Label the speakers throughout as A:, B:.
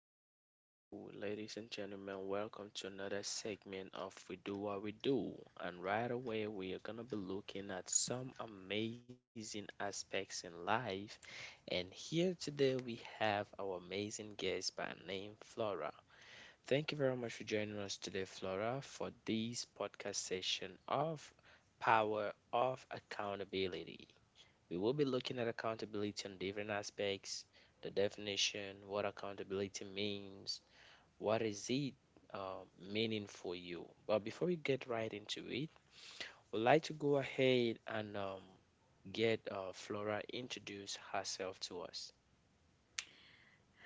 A: hello, hello, ladies and gentlemen. Welcome to another segment of We Do What We Do. And right away, we are going to be looking at some amazing aspects in life. And here today, we have our amazing guest by name Flora. Thank you very much for joining us today, Flora, for this podcast session of Power of Accountability. We will be looking at accountability on different aspects, the definition, what accountability means, what is it meaning for you. But before we get right into it, we'd like to go ahead and get Flora introduce herself to us.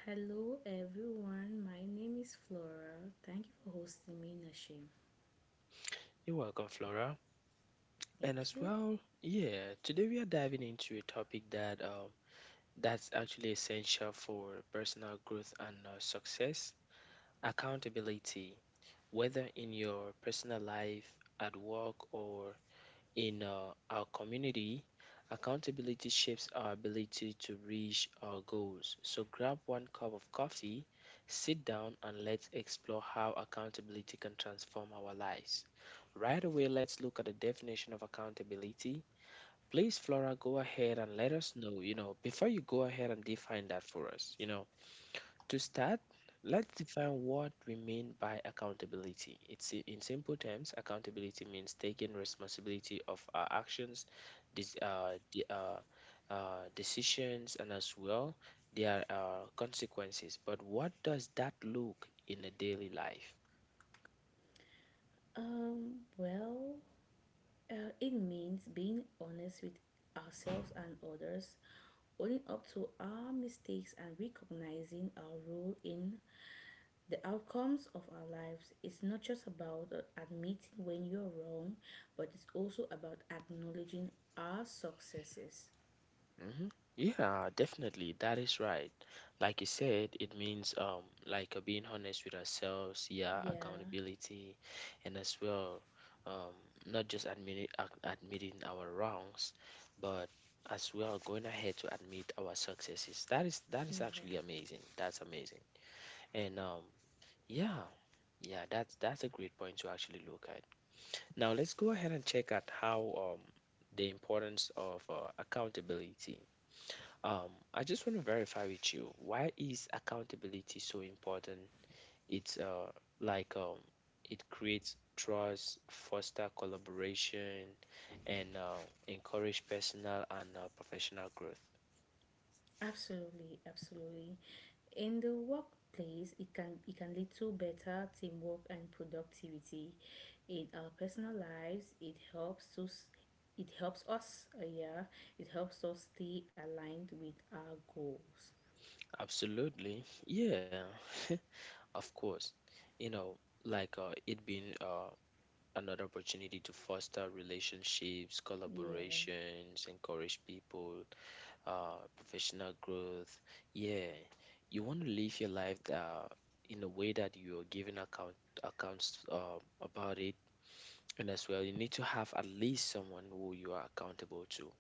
B: Hello, everyone. My name is Flora. Thank you for hosting me, Nashim.
A: You're welcome, Flora. And
B: Thank
A: as
B: you.
A: well, yeah, today we are diving into a topic that that's actually essential for personal growth and success, accountability. Whether in your personal life, at work, or in our community, accountability shapes our ability to reach our goals. So grab one cup of coffee, sit down, and let's explore how accountability can transform our lives. Right away, let's look at the definition of accountability. Please, Flora, go ahead and let us know. You know, before you go ahead and define that for us, you know, to start, let's define what we mean by accountability. In simple terms, accountability means taking responsibility of our actions, dis- uh, de- uh, decisions, and as well their consequences. But what does that look in a daily life?
B: Um, well, it means being honest with ourselves and others, owning up to our mistakes, and recognizing our role in the outcomes of our lives. It's not just about admitting when you're wrong, but it's also about acknowledging our successes.
A: Hmm. Yeah, definitely. That is right. Like you said, it means like being honest with ourselves, yeah,
B: Yeah,
A: accountability, and as well, um not just admitting admitting our wrongs, but as well going ahead to admit our successes. That is
B: yeah,
A: actually amazing. That's amazing. And Yeah, yeah, that's a great point to actually look at. Now let's go ahead and check at how the importance of accountability. I just want to verify with you, why is accountability so important? It's uh like um it creates trust, foster collaboration, and encourage personal and professional growth.
B: absolutely, absolutely. In the workplace, it can lead to better teamwork and productivity. In our personal lives, it helps us yeah, it helps us stay aligned with our goals.
A: Absolutely, yeah, of course. You know, like it being another opportunity to foster relationships,
B: Yeah,
A: collaborations, encourage people professional growth. Yeah, you want to live your life in a way that you are giving accounts about it, and as well, you need to have at least someone who you are accountable to.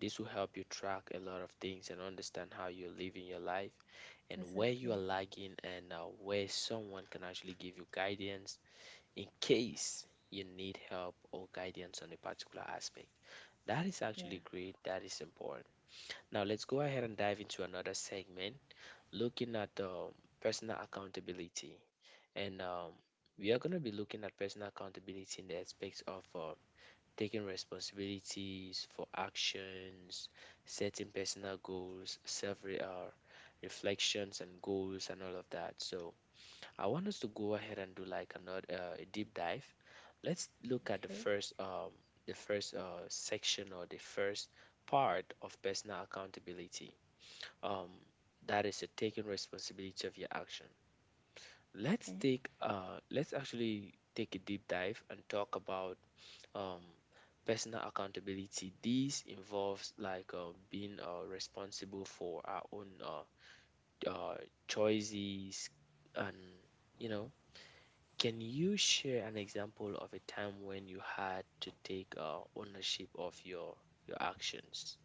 A: This will help you track a lot of things and understand how you're living your life and where you
B: exactly.
A: are lagging and where someone can actually give you guidance in case you need help or guidance on a particular aspect. That is
B: Yeah.
A: actually great. That is important. Now let's go ahead and dive into another segment looking at personal accountability. And we are going to be looking at personal accountability in the aspects of taking responsibilities for actions, setting personal goals, reflections and goals and all of that. So I want us to go ahead and do like another a deep dive. Let's look at
B: Okay.
A: the first section or the first part of personal accountability um, that is you're taking responsibility of your action. Let's
B: Okay.
A: take let's actually take a deep dive and talk about um, personal accountability. This involves like being responsible for our own uh, choices and you know. Can you share an example of a time when you had to take ownership of your actions?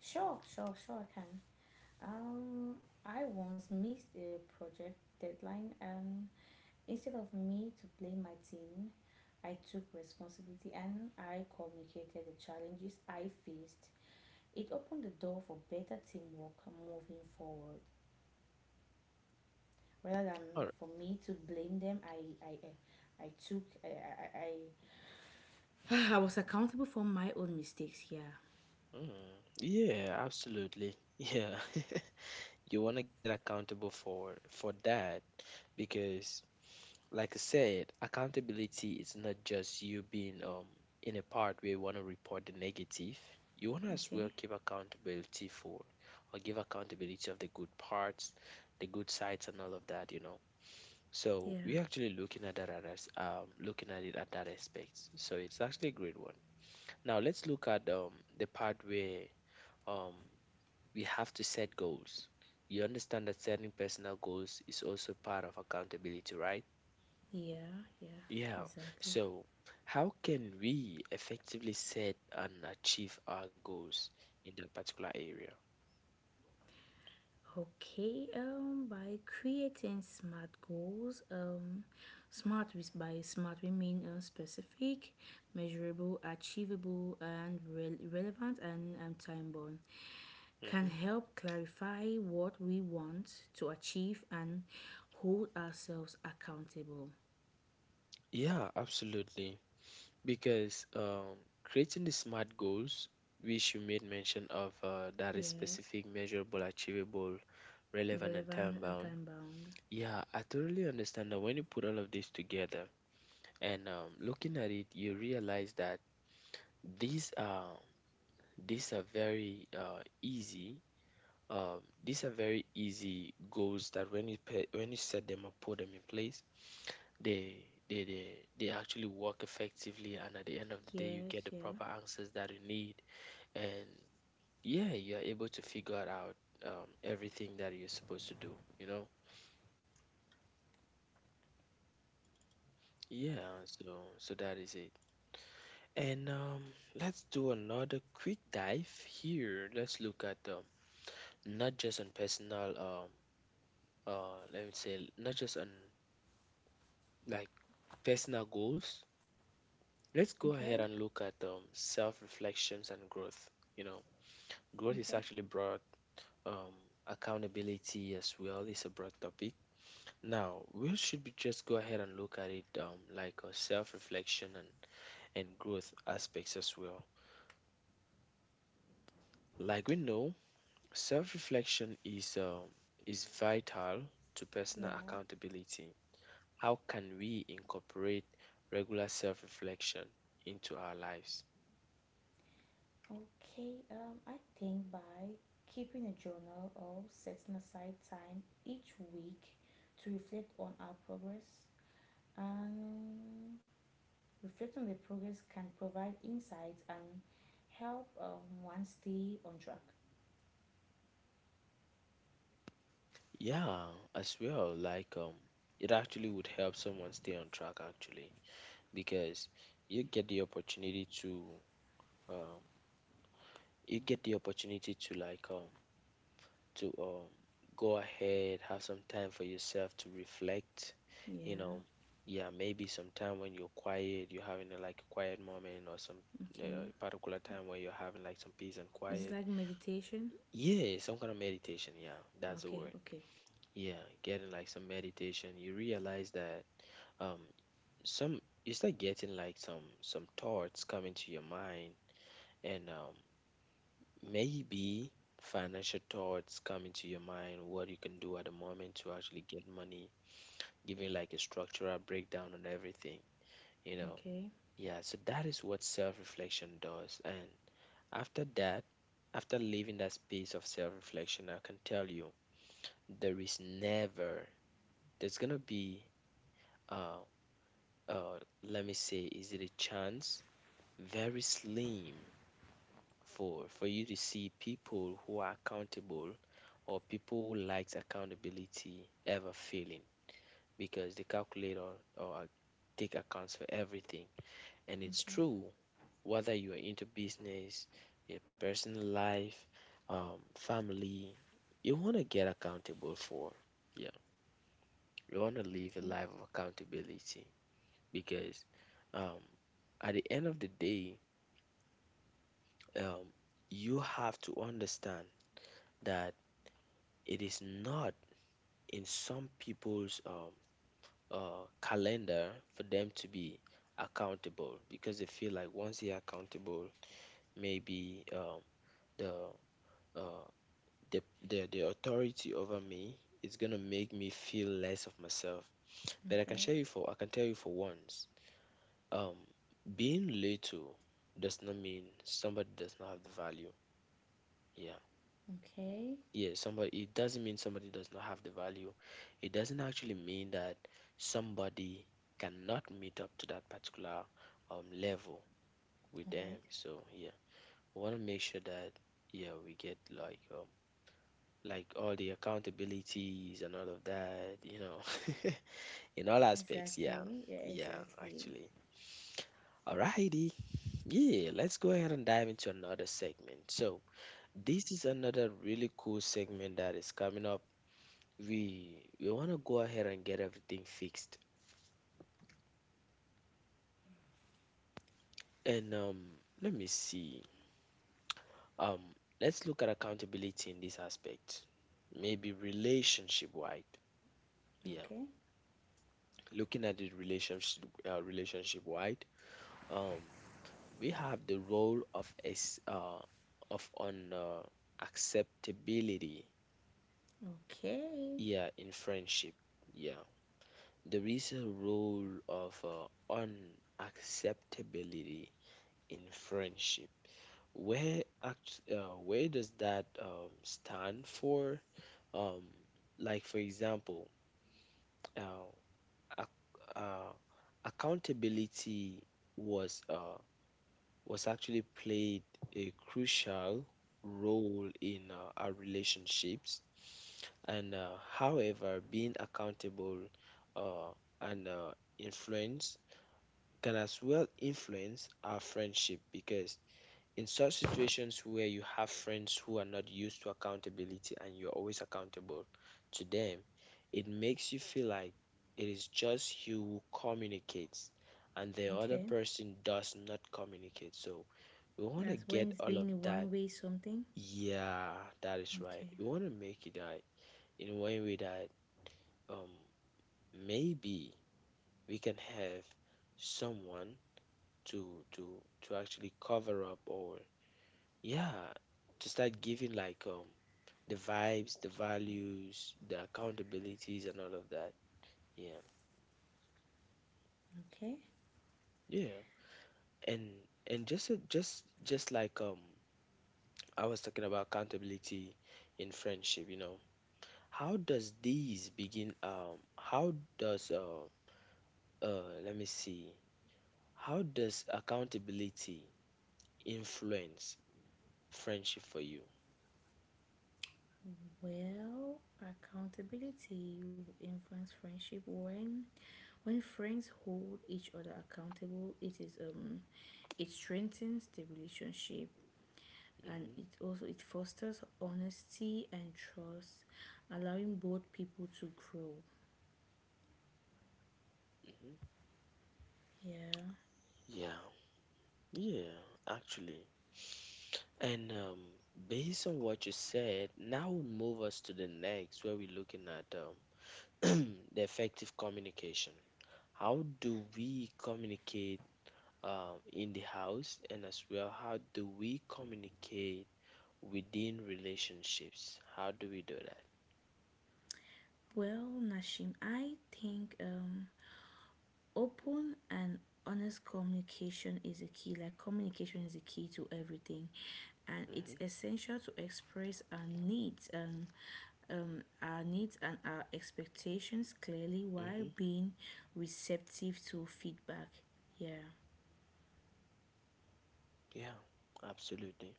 B: Sure, sure, sure, I can. Um I once missed a project deadline and instead of me to blame my team, I took responsibility and I communicated the challenges I faced. It opened the door for better teamwork moving forward. Rather
A: All
B: than
A: right.
B: for me to blame them, I took eh, I I was accountable for my own mistakes. Yeah.
A: Mm, yeah, absolutely. Yeah. You want to get accountable for that because like I said, accountability is not just you being in a part where you want to report the negative. You want to as well
B: Okay.
A: keep accountability for or give accountability of the good parts, the good sides, and all of that, you know. So
B: Yeah.
A: we're actually looking at that at as looking at it at that aspect. So it's actually a great one. Now let's look at the part where um we have to set goals. You understand that setting personal goals is also part of accountability, right?
B: Yeah. Yeah.
A: Yeah.
B: Exactly.
A: So, how can we effectively set and achieve our goals in that particular area?
B: Okay, by creating smart goals, smart, with by smart we mean specific, measurable, achievable, and relevant, and time bound can
A: Hmm.
B: help clarify what we want to achieve and hold ourselves accountable.
A: Yeah, absolutely. Because creating the SMART goals, which you made mention of that is
B: Yeah,
A: specific, measurable, achievable, relevant, and time
B: relevant and
A: bound.
B: time bound.
A: Yeah, I totally understand that when you put all of this together, and looking at it, you realize that these are these are very easy. These are very easy goals that when you when you set them up, put them in place, they they they they actually work effectively. And at the end of the day, you
B: Yes,
A: get the
B: yeah.
A: proper answers that you need, and yeah, you're able to figure out everything that you're supposed to do. You know, yeah. So that is it. And let's do another quick dive here. Let's look at not just on let me say, not just on like personal goals. Let's go ahead
B: Okay,
A: and look at self reflections and growth. You know, growth is
B: okay,
A: actually broad. Um, accountability as well is a broad topic. Now, we should be just go ahead and look at it like a self reflection and growth aspects as well. Like we know, self reflection is vital to personal
B: yeah.
A: accountability. How can we incorporate regular self reflection into our lives?
B: Okay, I think by keeping a journal or setting aside time each week to reflect on our progress, and reflect on the progress can provide insights and help one stay on track.
A: Yeah, as well, like it actually would help someone stay on track actually because you get the opportunity to um, you get the opportunity to to um, go ahead, have some time for yourself to reflect. You
B: Yeah.
A: know, yeah, maybe sometime when you're quiet, you're having a, like a quiet moment or some uh,
B: Okay.
A: particular time where you're having like some peace and
B: Is it
A: quiet.
B: like meditation?
A: Yeah, some kind of meditation. Yeah, that's the
B: Okay.
A: word.
B: Okay.
A: Yeah, getting like some meditation. You realize that um some you start getting like some thoughts coming to your mind and maybe financial thoughts come into your mind, what you can do at the moment to actually get money, giving like a structural breakdown on everything, you know.
B: Okay.
A: Yeah, so that is what self reflection does. And after that, after leaving that space of self reflection, I can tell you there is never, there's gonna be, uh, let me say, is it a chance? Very slim for you to see people who are accountable or people who likes accountability ever failing, because they calculate or take accounts for everything. And it's
B: Okay,
A: true, whether you are into business, your personal life, family, you want to get accountable for. Yeah, you want to live a
B: okay,
A: life of accountability, because um, at the end of the day, um, you have to understand that it is not in some people's calendar for them to be accountable, because they feel like once they're accountable, maybe um, the, uh, the the the authority over me is gonna make me feel less of myself. But I can
B: okay,
A: share you for I can tell you for once, um, being little does not mean somebody does not have the value. Yeah,
B: okay.
A: yeah, somebody, it doesn't mean somebody does not have the value. It doesn't actually mean that somebody cannot meet up to that particular level with
B: All
A: them.
B: right.
A: So yeah, we want to make sure that yeah, we get like all the accountabilities and all of that, you know, in all aspects. Yeah,
B: Exactly. Yeah,
A: yeah,
B: exactly.
A: actually. Alrighty. Yeah, let's go ahead and dive into another segment. So this is another really cool segment that is coming up. We want to go ahead and get everything fixed. And let me see. Um, let's look at accountability in this aspect. Maybe relationship wide. Yeah,
B: Okay.
A: looking at it relationship wide. Um, we have the role of as of on acceptability.
B: Okay.
A: Yeah, in friendship. Yeah, there is a role of uh, unacceptability in friendship. Where does that stand for? Um, like for example, uh, ac uh, accountability was uh, was actually played a crucial role in our relationships. And however, being accountable uh, and influence can as well influence our friendship, because in such situations where you have friends who are not used to accountability and you're always accountable to them, it makes you feel like it is just you who communicates and the other
B: Okay.
A: person does not communicate. So we want to
B: That's when
A: get
B: it's
A: all of
B: being
A: that.
B: one way something.
A: Yeah, that is right.
B: Okay.
A: We want to make it right in a way that um maybe we can have someone to to to actually cover up or yeah, to start giving like the vibes, the values, the accountabilities, and all of that. Yeah.
B: Okay.
A: Yeah. And and just a- just just like um I was talking about accountability in friendship. How does these begin how does let me see, how does accountability influence friendship for you?
B: Well, accountability will influence friendship when friends hold each other accountable. It strengthens the relationship, and
A: Hmm.
B: it also it fosters honesty and trust, allowing both people to grow.
A: Hmm.
B: Yeah.
A: Yeah. Yeah, actually. And based on what you said, now we'll move us to the next where we're looking at the effective communication. How do we communicate in the house, and as well, how do we communicate within relationships? How do we do that?
B: Well, Nashim, I think open and honest communication is a key. Like, communication is a key to everything. And it's
A: Mm-hmm.
B: essential to express our needs and our expectations clearly while
A: Mm-hmm.
B: being receptive to feedback. Yeah.
A: Yeah, absolutely.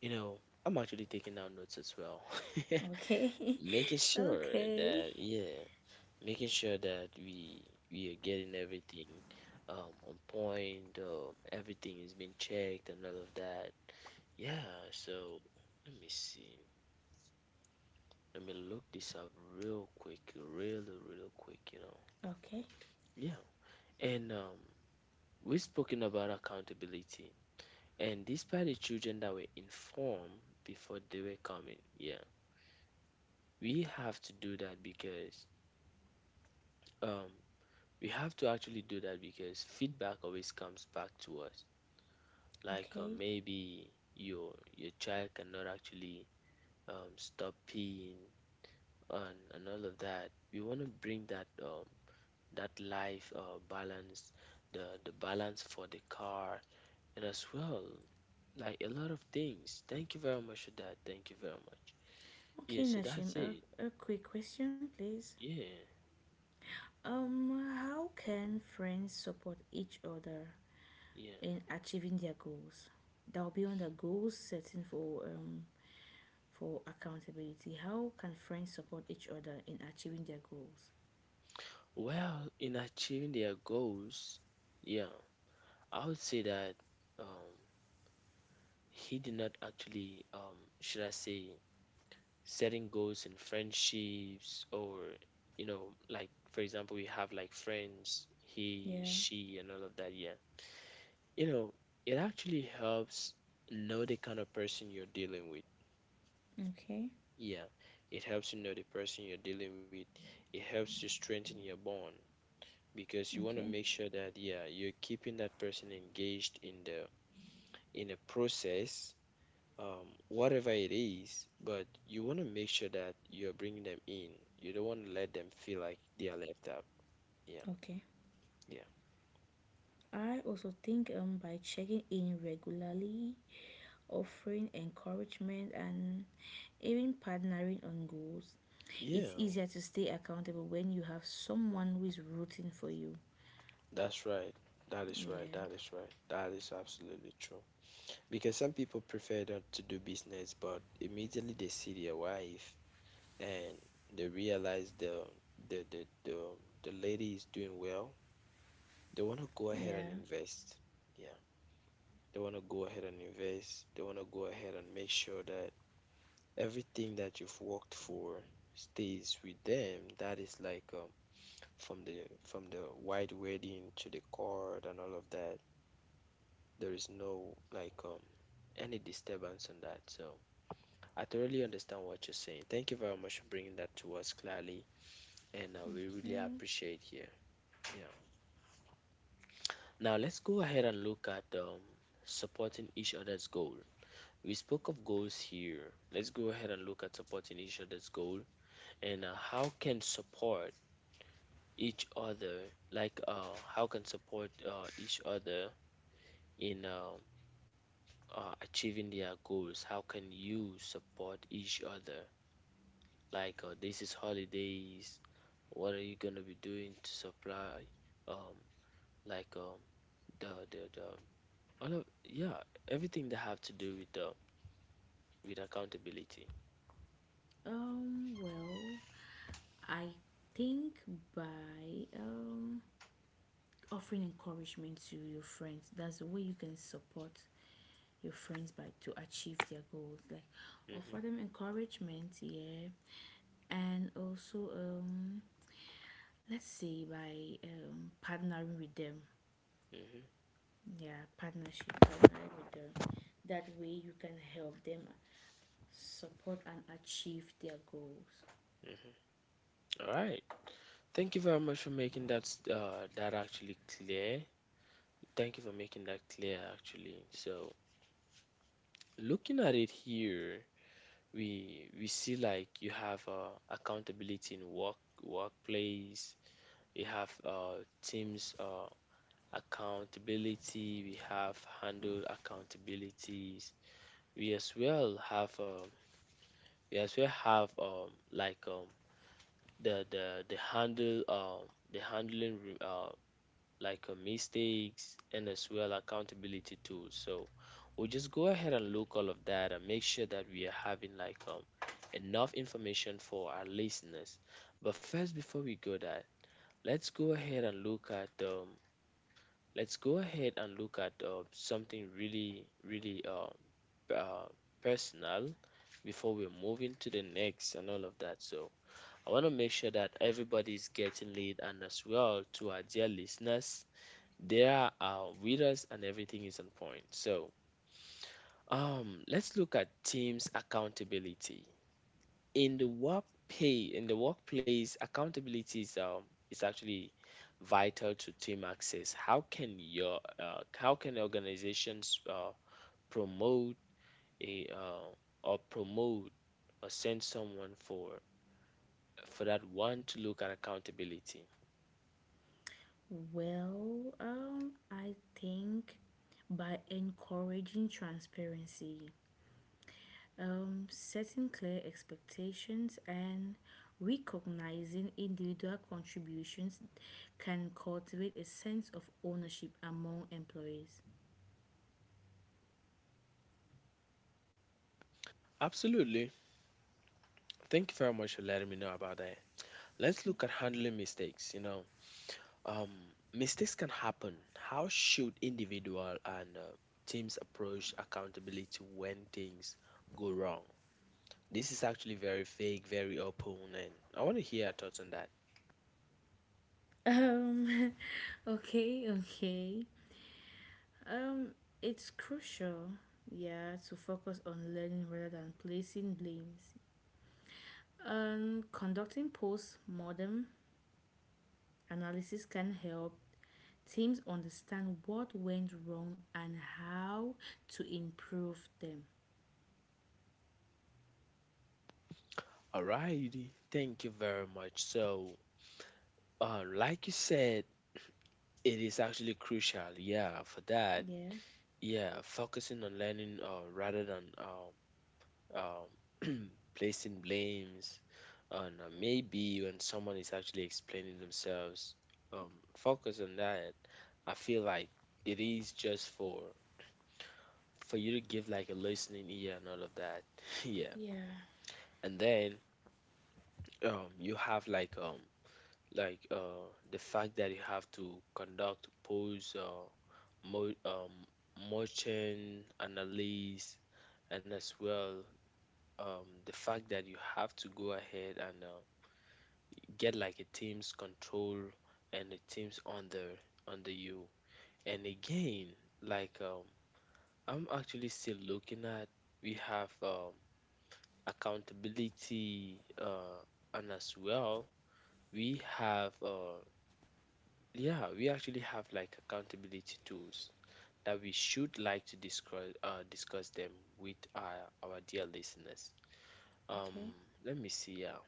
A: You know, I'm actually taking down notes as well,
B: Okay.
A: making sure
B: Okay.
A: that, yeah, making sure that we are getting everything on point, everything is being checked and all of that. Yeah, so let me see. Let me look this up real quick, really, real quick, you know.
B: Okay.
A: Yeah. And we've spoken about accountability. And despite the children that were informed before they were coming, yeah, we have to do that because um, we have to actually do that because feedback always comes back to us like
B: Okay.
A: maybe your child cannot actually stop peeing and all of that. We want to bring that that life balance, the balance for the car, and as well like a lot of things. Thank you very much for that. Thank you very much. Yeah,
B: Okay,
A: so
B: Nashim.
A: that's it.
B: A quick question, please.
A: Yeah,
B: How can friends support each other in
A: yeah.
B: achieving their goals? That'll be on the goals setting for accountability. How can friends support each other in achieving their goals?
A: Well, in achieving their goals, yeah, I would say that um, he did not actually should I say setting goals in friendships, or you know, like for example, we have like friends, he,
B: Yeah.
A: she, and all of that. Yeah, you know, it actually helps know the kind of person you're dealing with.
B: Okay.
A: Yeah, it helps you know the person you're dealing with. It helps to strengthen your bond because you want to
B: Okay.
A: make sure that yeah, you're keeping that person engaged in the process, whatever it is, but you want to make sure that you're bringing them in. You don't want to let them feel like they are left out. Yeah,
B: Okay.
A: yeah,
B: I also think by checking in regularly, offering encouragement, and even partnering on goals,
A: yeah.
B: it's easier to stay accountable when you have someone who is rooting for you.
A: That's right. That is right.
B: Yeah.
A: That is right. That is absolutely true. Because some people prefer not to do business, but immediately they see their wife and they realize the the the, the lady is doing well. They want to go ahead and
B: Yeah.
A: invest. Yeah, they want to go ahead and invest. They want to go ahead and make sure that everything that you've worked for stays with them. That is like from the white wedding to the cord and all of that. There is no like any disturbance on that. So I thoroughly understand what you're saying. Thank you very much for bringing that to us clearly, and we really
B: Okay.
A: appreciate here. Yeah. Now let's go ahead and look at supporting each other's goal. We spoke of goals here. Let's go ahead and look at supporting each other's goal, and how can support each other, like how can support each other in achieving their goals? How can you support each other? Like this is holidays, what are you gonna be doing to supply um like um the all of, yeah, everything that have to do with the with accountability.
B: Well, I think by offering encouragement to your friends. That's the way you can support your friends, by to achieve their goals. Like,
A: Hmm.
B: offer them encouragement, yeah, and also, let's say by partnering with them.
A: Hmm.
B: Yeah, partnership, partnering with them. That way you can help them support and achieve their goals.
A: Hmm. All right, thank you very much for making that that actually clear. Thank you for making that clear actually. So looking at it here, we see like you have accountability in workplace, we have teams accountability, we have handle accountabilities, we as well have um, we as well have the handle, the handling mistakes and as well accountability tools. So we'll just go ahead and look all of that and make sure that we are having like enough information for our listeners. But first, before we go that, let's go ahead and look at let's go ahead and look at something really really uh, personal before we move into the next and all of that. So I want to make sure that everybody's getting lead and as well to our dear listeners there are winners and everything is on point. So, let's look at teams accountability. In the work pay, in the workplace, accountability is actually vital to team access. How can your how can organizations promote a or promote or send someone for that one to look at accountability?
B: Well, I think by encouraging transparency, setting clear expectations, and recognizing individual contributions can cultivate a sense of ownership among employees.
A: Absolutely. Thank you very much for letting me know about that. Let's look at handling mistakes. You know, Um, mistakes can happen. How should individual and teams approach accountability when things go wrong? This is actually very vague, very open, and I want to hear your thoughts on that.
B: Um, okay, okay. Um, it's crucial, yeah, to focus on learning rather than placing blames. Conducting post-mortem analysis can help teams understand what went wrong and how to improve them.
A: Alrighty, thank you very much. So, like you said, it is actually crucial. Yeah, for that.
B: Yeah.
A: Yeah, focusing on learning rather than um, placing blames, and maybe when someone is actually explaining themselves, um, focus on that. I feel like it is just for you to give like a listening ear and all of that. Yeah,
B: Yeah.
A: and then you have like the fact that you have to conduct polls, mo- um, motion analysis, and as well the fact that you have to go ahead and get like a team's control and a team's under under you. And again, like I'm actually still looking at, we have accountability and as well we have yeah, we actually have like accountability tools that we should like to discuss, discuss them with our dear listeners. Um,
B: Okay.
A: let me see. Yeah.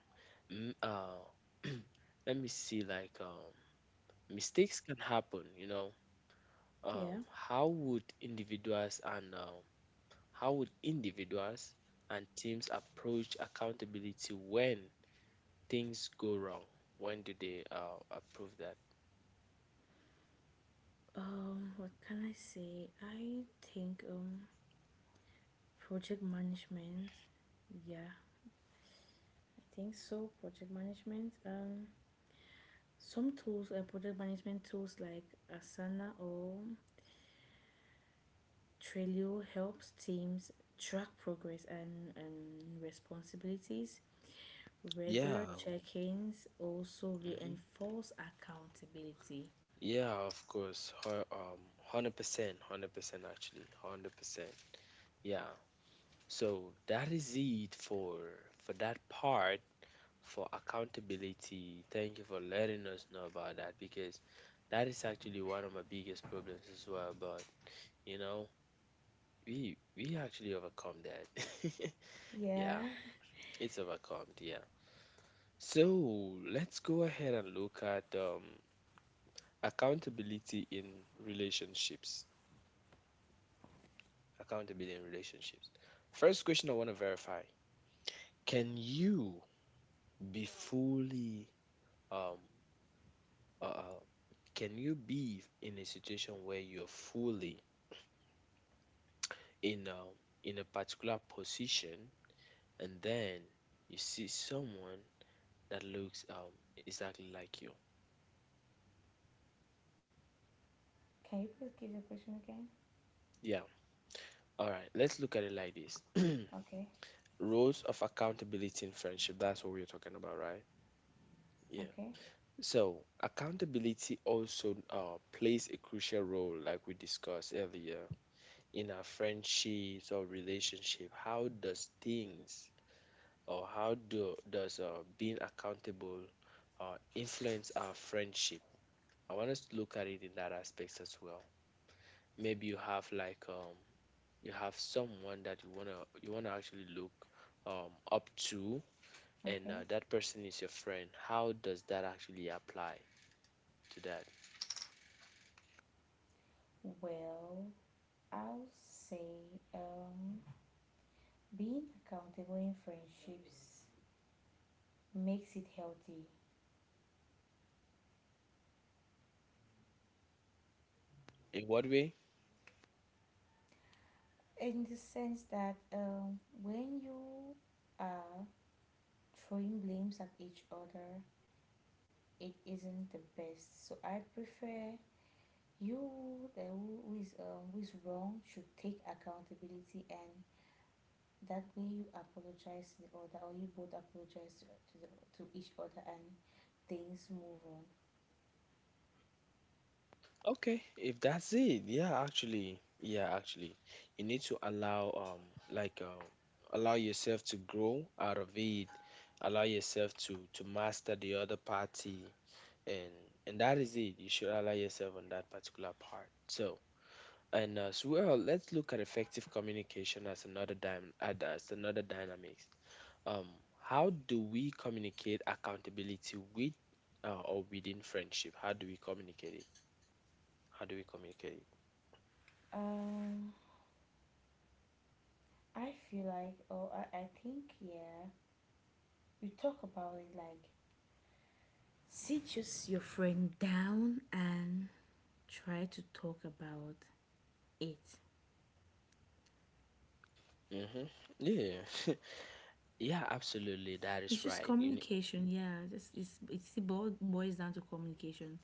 A: Mm, uh, let me see. Like mistakes can happen, you know.
B: Yeah.
A: um, how would individuals and how would individuals and teams approach accountability when things go wrong, when do they approve that?
B: What can I say? I think project management. Yeah. I think so. Project management. Some tools, project management tools like Asana or Trello, helps teams track progress and responsibilities. Regular
A: Yeah.
B: check-ins also
A: Hmm.
B: reinforce accountability.
A: Yeah, of course. 100% 100% actually 100%. Yeah, so that is it for that part for accountability. Thank you for letting us know about that because that is actually one of my biggest problems as well. But you know, we actually overcome that.
B: Yeah.
A: Yeah, it's overcome. Yeah. So let's go ahead and look at accountability in relationships. Accountability in relationships. First question I want to verify: can you be fully um uh, uh, can you be in a situation where you're fully in a in a particular position, and then you see someone that looks exactly like you?
B: Can you please give the question again?
A: Yeah, all right, let's look at it like this.
B: Okay.
A: Roles of accountability in friendship, that's what we're talking about, right? Yeah.
B: Okay.
A: So accountability also plays a crucial role, like we discussed earlier, in our friendships or relationship. How does things or how do does being accountable influence our friendship? I want us to look at it in that aspect as well. Maybe you have like you have someone that you wanna actually look up to, and
B: Okay.
A: that person is your friend. How does that actually apply to that?
B: Well, I'll say being accountable in friendships makes it healthy
A: In what way?
B: in the sense that when you are throwing blames at each other, it isn't the best. So I prefer you the who who is wrong should take accountability, and that way you apologize to the other, or you both apologize to, the, to each other, and things move
A: Okay, if that's it, yeah, actually, you need to allow like uh, allow yourself to grow out of it, allow yourself to master the other party, and and that is it, you should allow yourself on that particular part. So, and as well, let's look at effective communication as another dynamics. um how do we communicate accountability with or within friendship? How do we communicate it? How do we communicate
B: on. I feel like, I think, yeah, you talk about it, like, sit just your friend down and try to talk about it.
A: it? Mm-hmm. Yeah. Yeah, absolutely, that
B: It's
A: is
B: just
A: right. You ne-
B: communication, yeah. Just it's it bo- boils down to communication.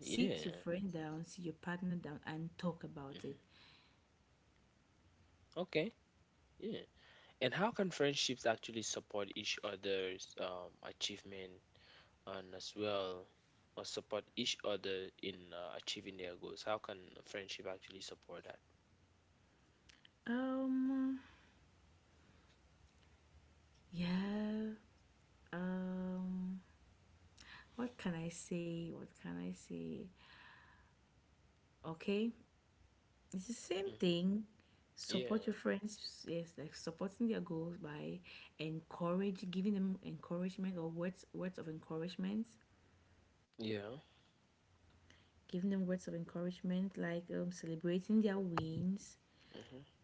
B: Sit your
A: yeah.
B: friend down, sit your partner down, and talk about it.
A: Hmm. Okay. Yeah. And how can friendships actually support each other's achievement, and as well support each other in achieving their goals? How can a friendship actually support that?
B: Um, yeah. Um, what can I say? What can I say? Okay, it's the same
A: Hmm.
B: thing. Support
A: Yeah,
B: your friends, yes, like supporting their goals by giving them encouragement, or words of encouragement,
A: yeah,
B: giving them words of encouragement, like, celebrating their wins,
A: hmm,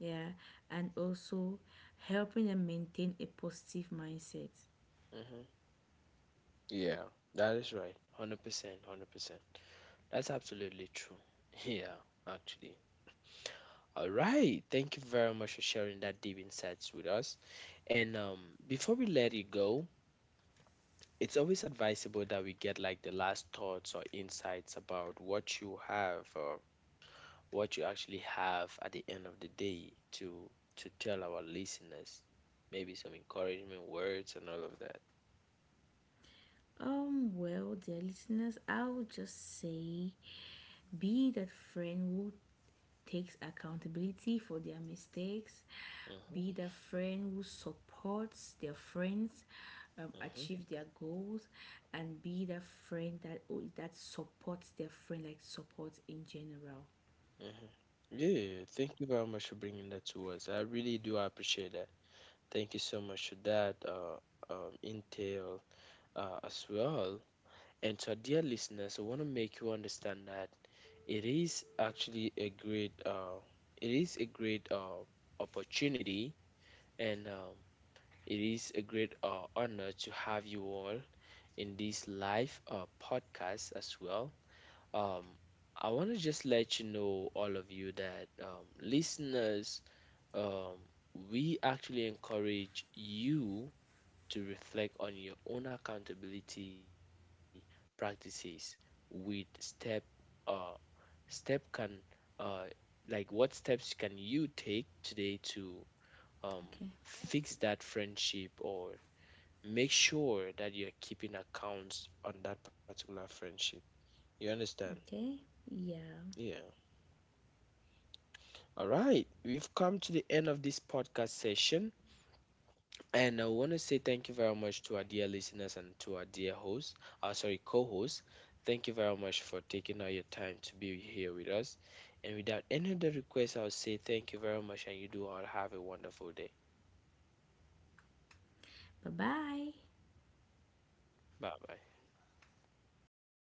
B: yeah, and also helping them maintain a positive mindset.
A: hmm, yeah. That is right. 100%, 100%. That's absolutely true. Yeah, actually. All right. Thank you very much for sharing that deep insights with us. And before we let it go, it's always advisable that we get like the last thoughts or insights about what you have. What you actually have at the end of the day to tell our listeners, maybe some encouragement words and all of that.
B: Well, dear listeners, I would just say, be that friend who takes accountability for their mistakes, be
A: Hmm.
B: the friend who supports their friends
A: Hmm.
B: achieve their goals, and be the friend that that supports their friend, like, supports in general.
A: Hmm. Yeah, thank you very much for bringing that to us, I really do appreciate that. Thank you so much for that intel as well. And to our dear listeners, I want to make you understand that it is actually a great it is a great opportunity, and it is a great honor to have you all in this live podcast as well. Um, I want to just let you know, all of you, that listeners, um, we actually encourage you to reflect on your own accountability practices with step uh, step can uh, like what steps can you take today to um,
B: Okay.
A: fix that friendship or make sure that you're keeping accounts on that particular friendship. You understand?
B: Okay. Yeah.
A: Yeah. All right, we've come to the end of this podcast session. And I want to say thank you very much to our dear listeners and to our dear host, sorry, co host. Thank you very much for taking out your time to be here with us. And without any other requests, I'll say thank you very much and you do all have a wonderful day.
B: Bye bye.
A: Bye bye.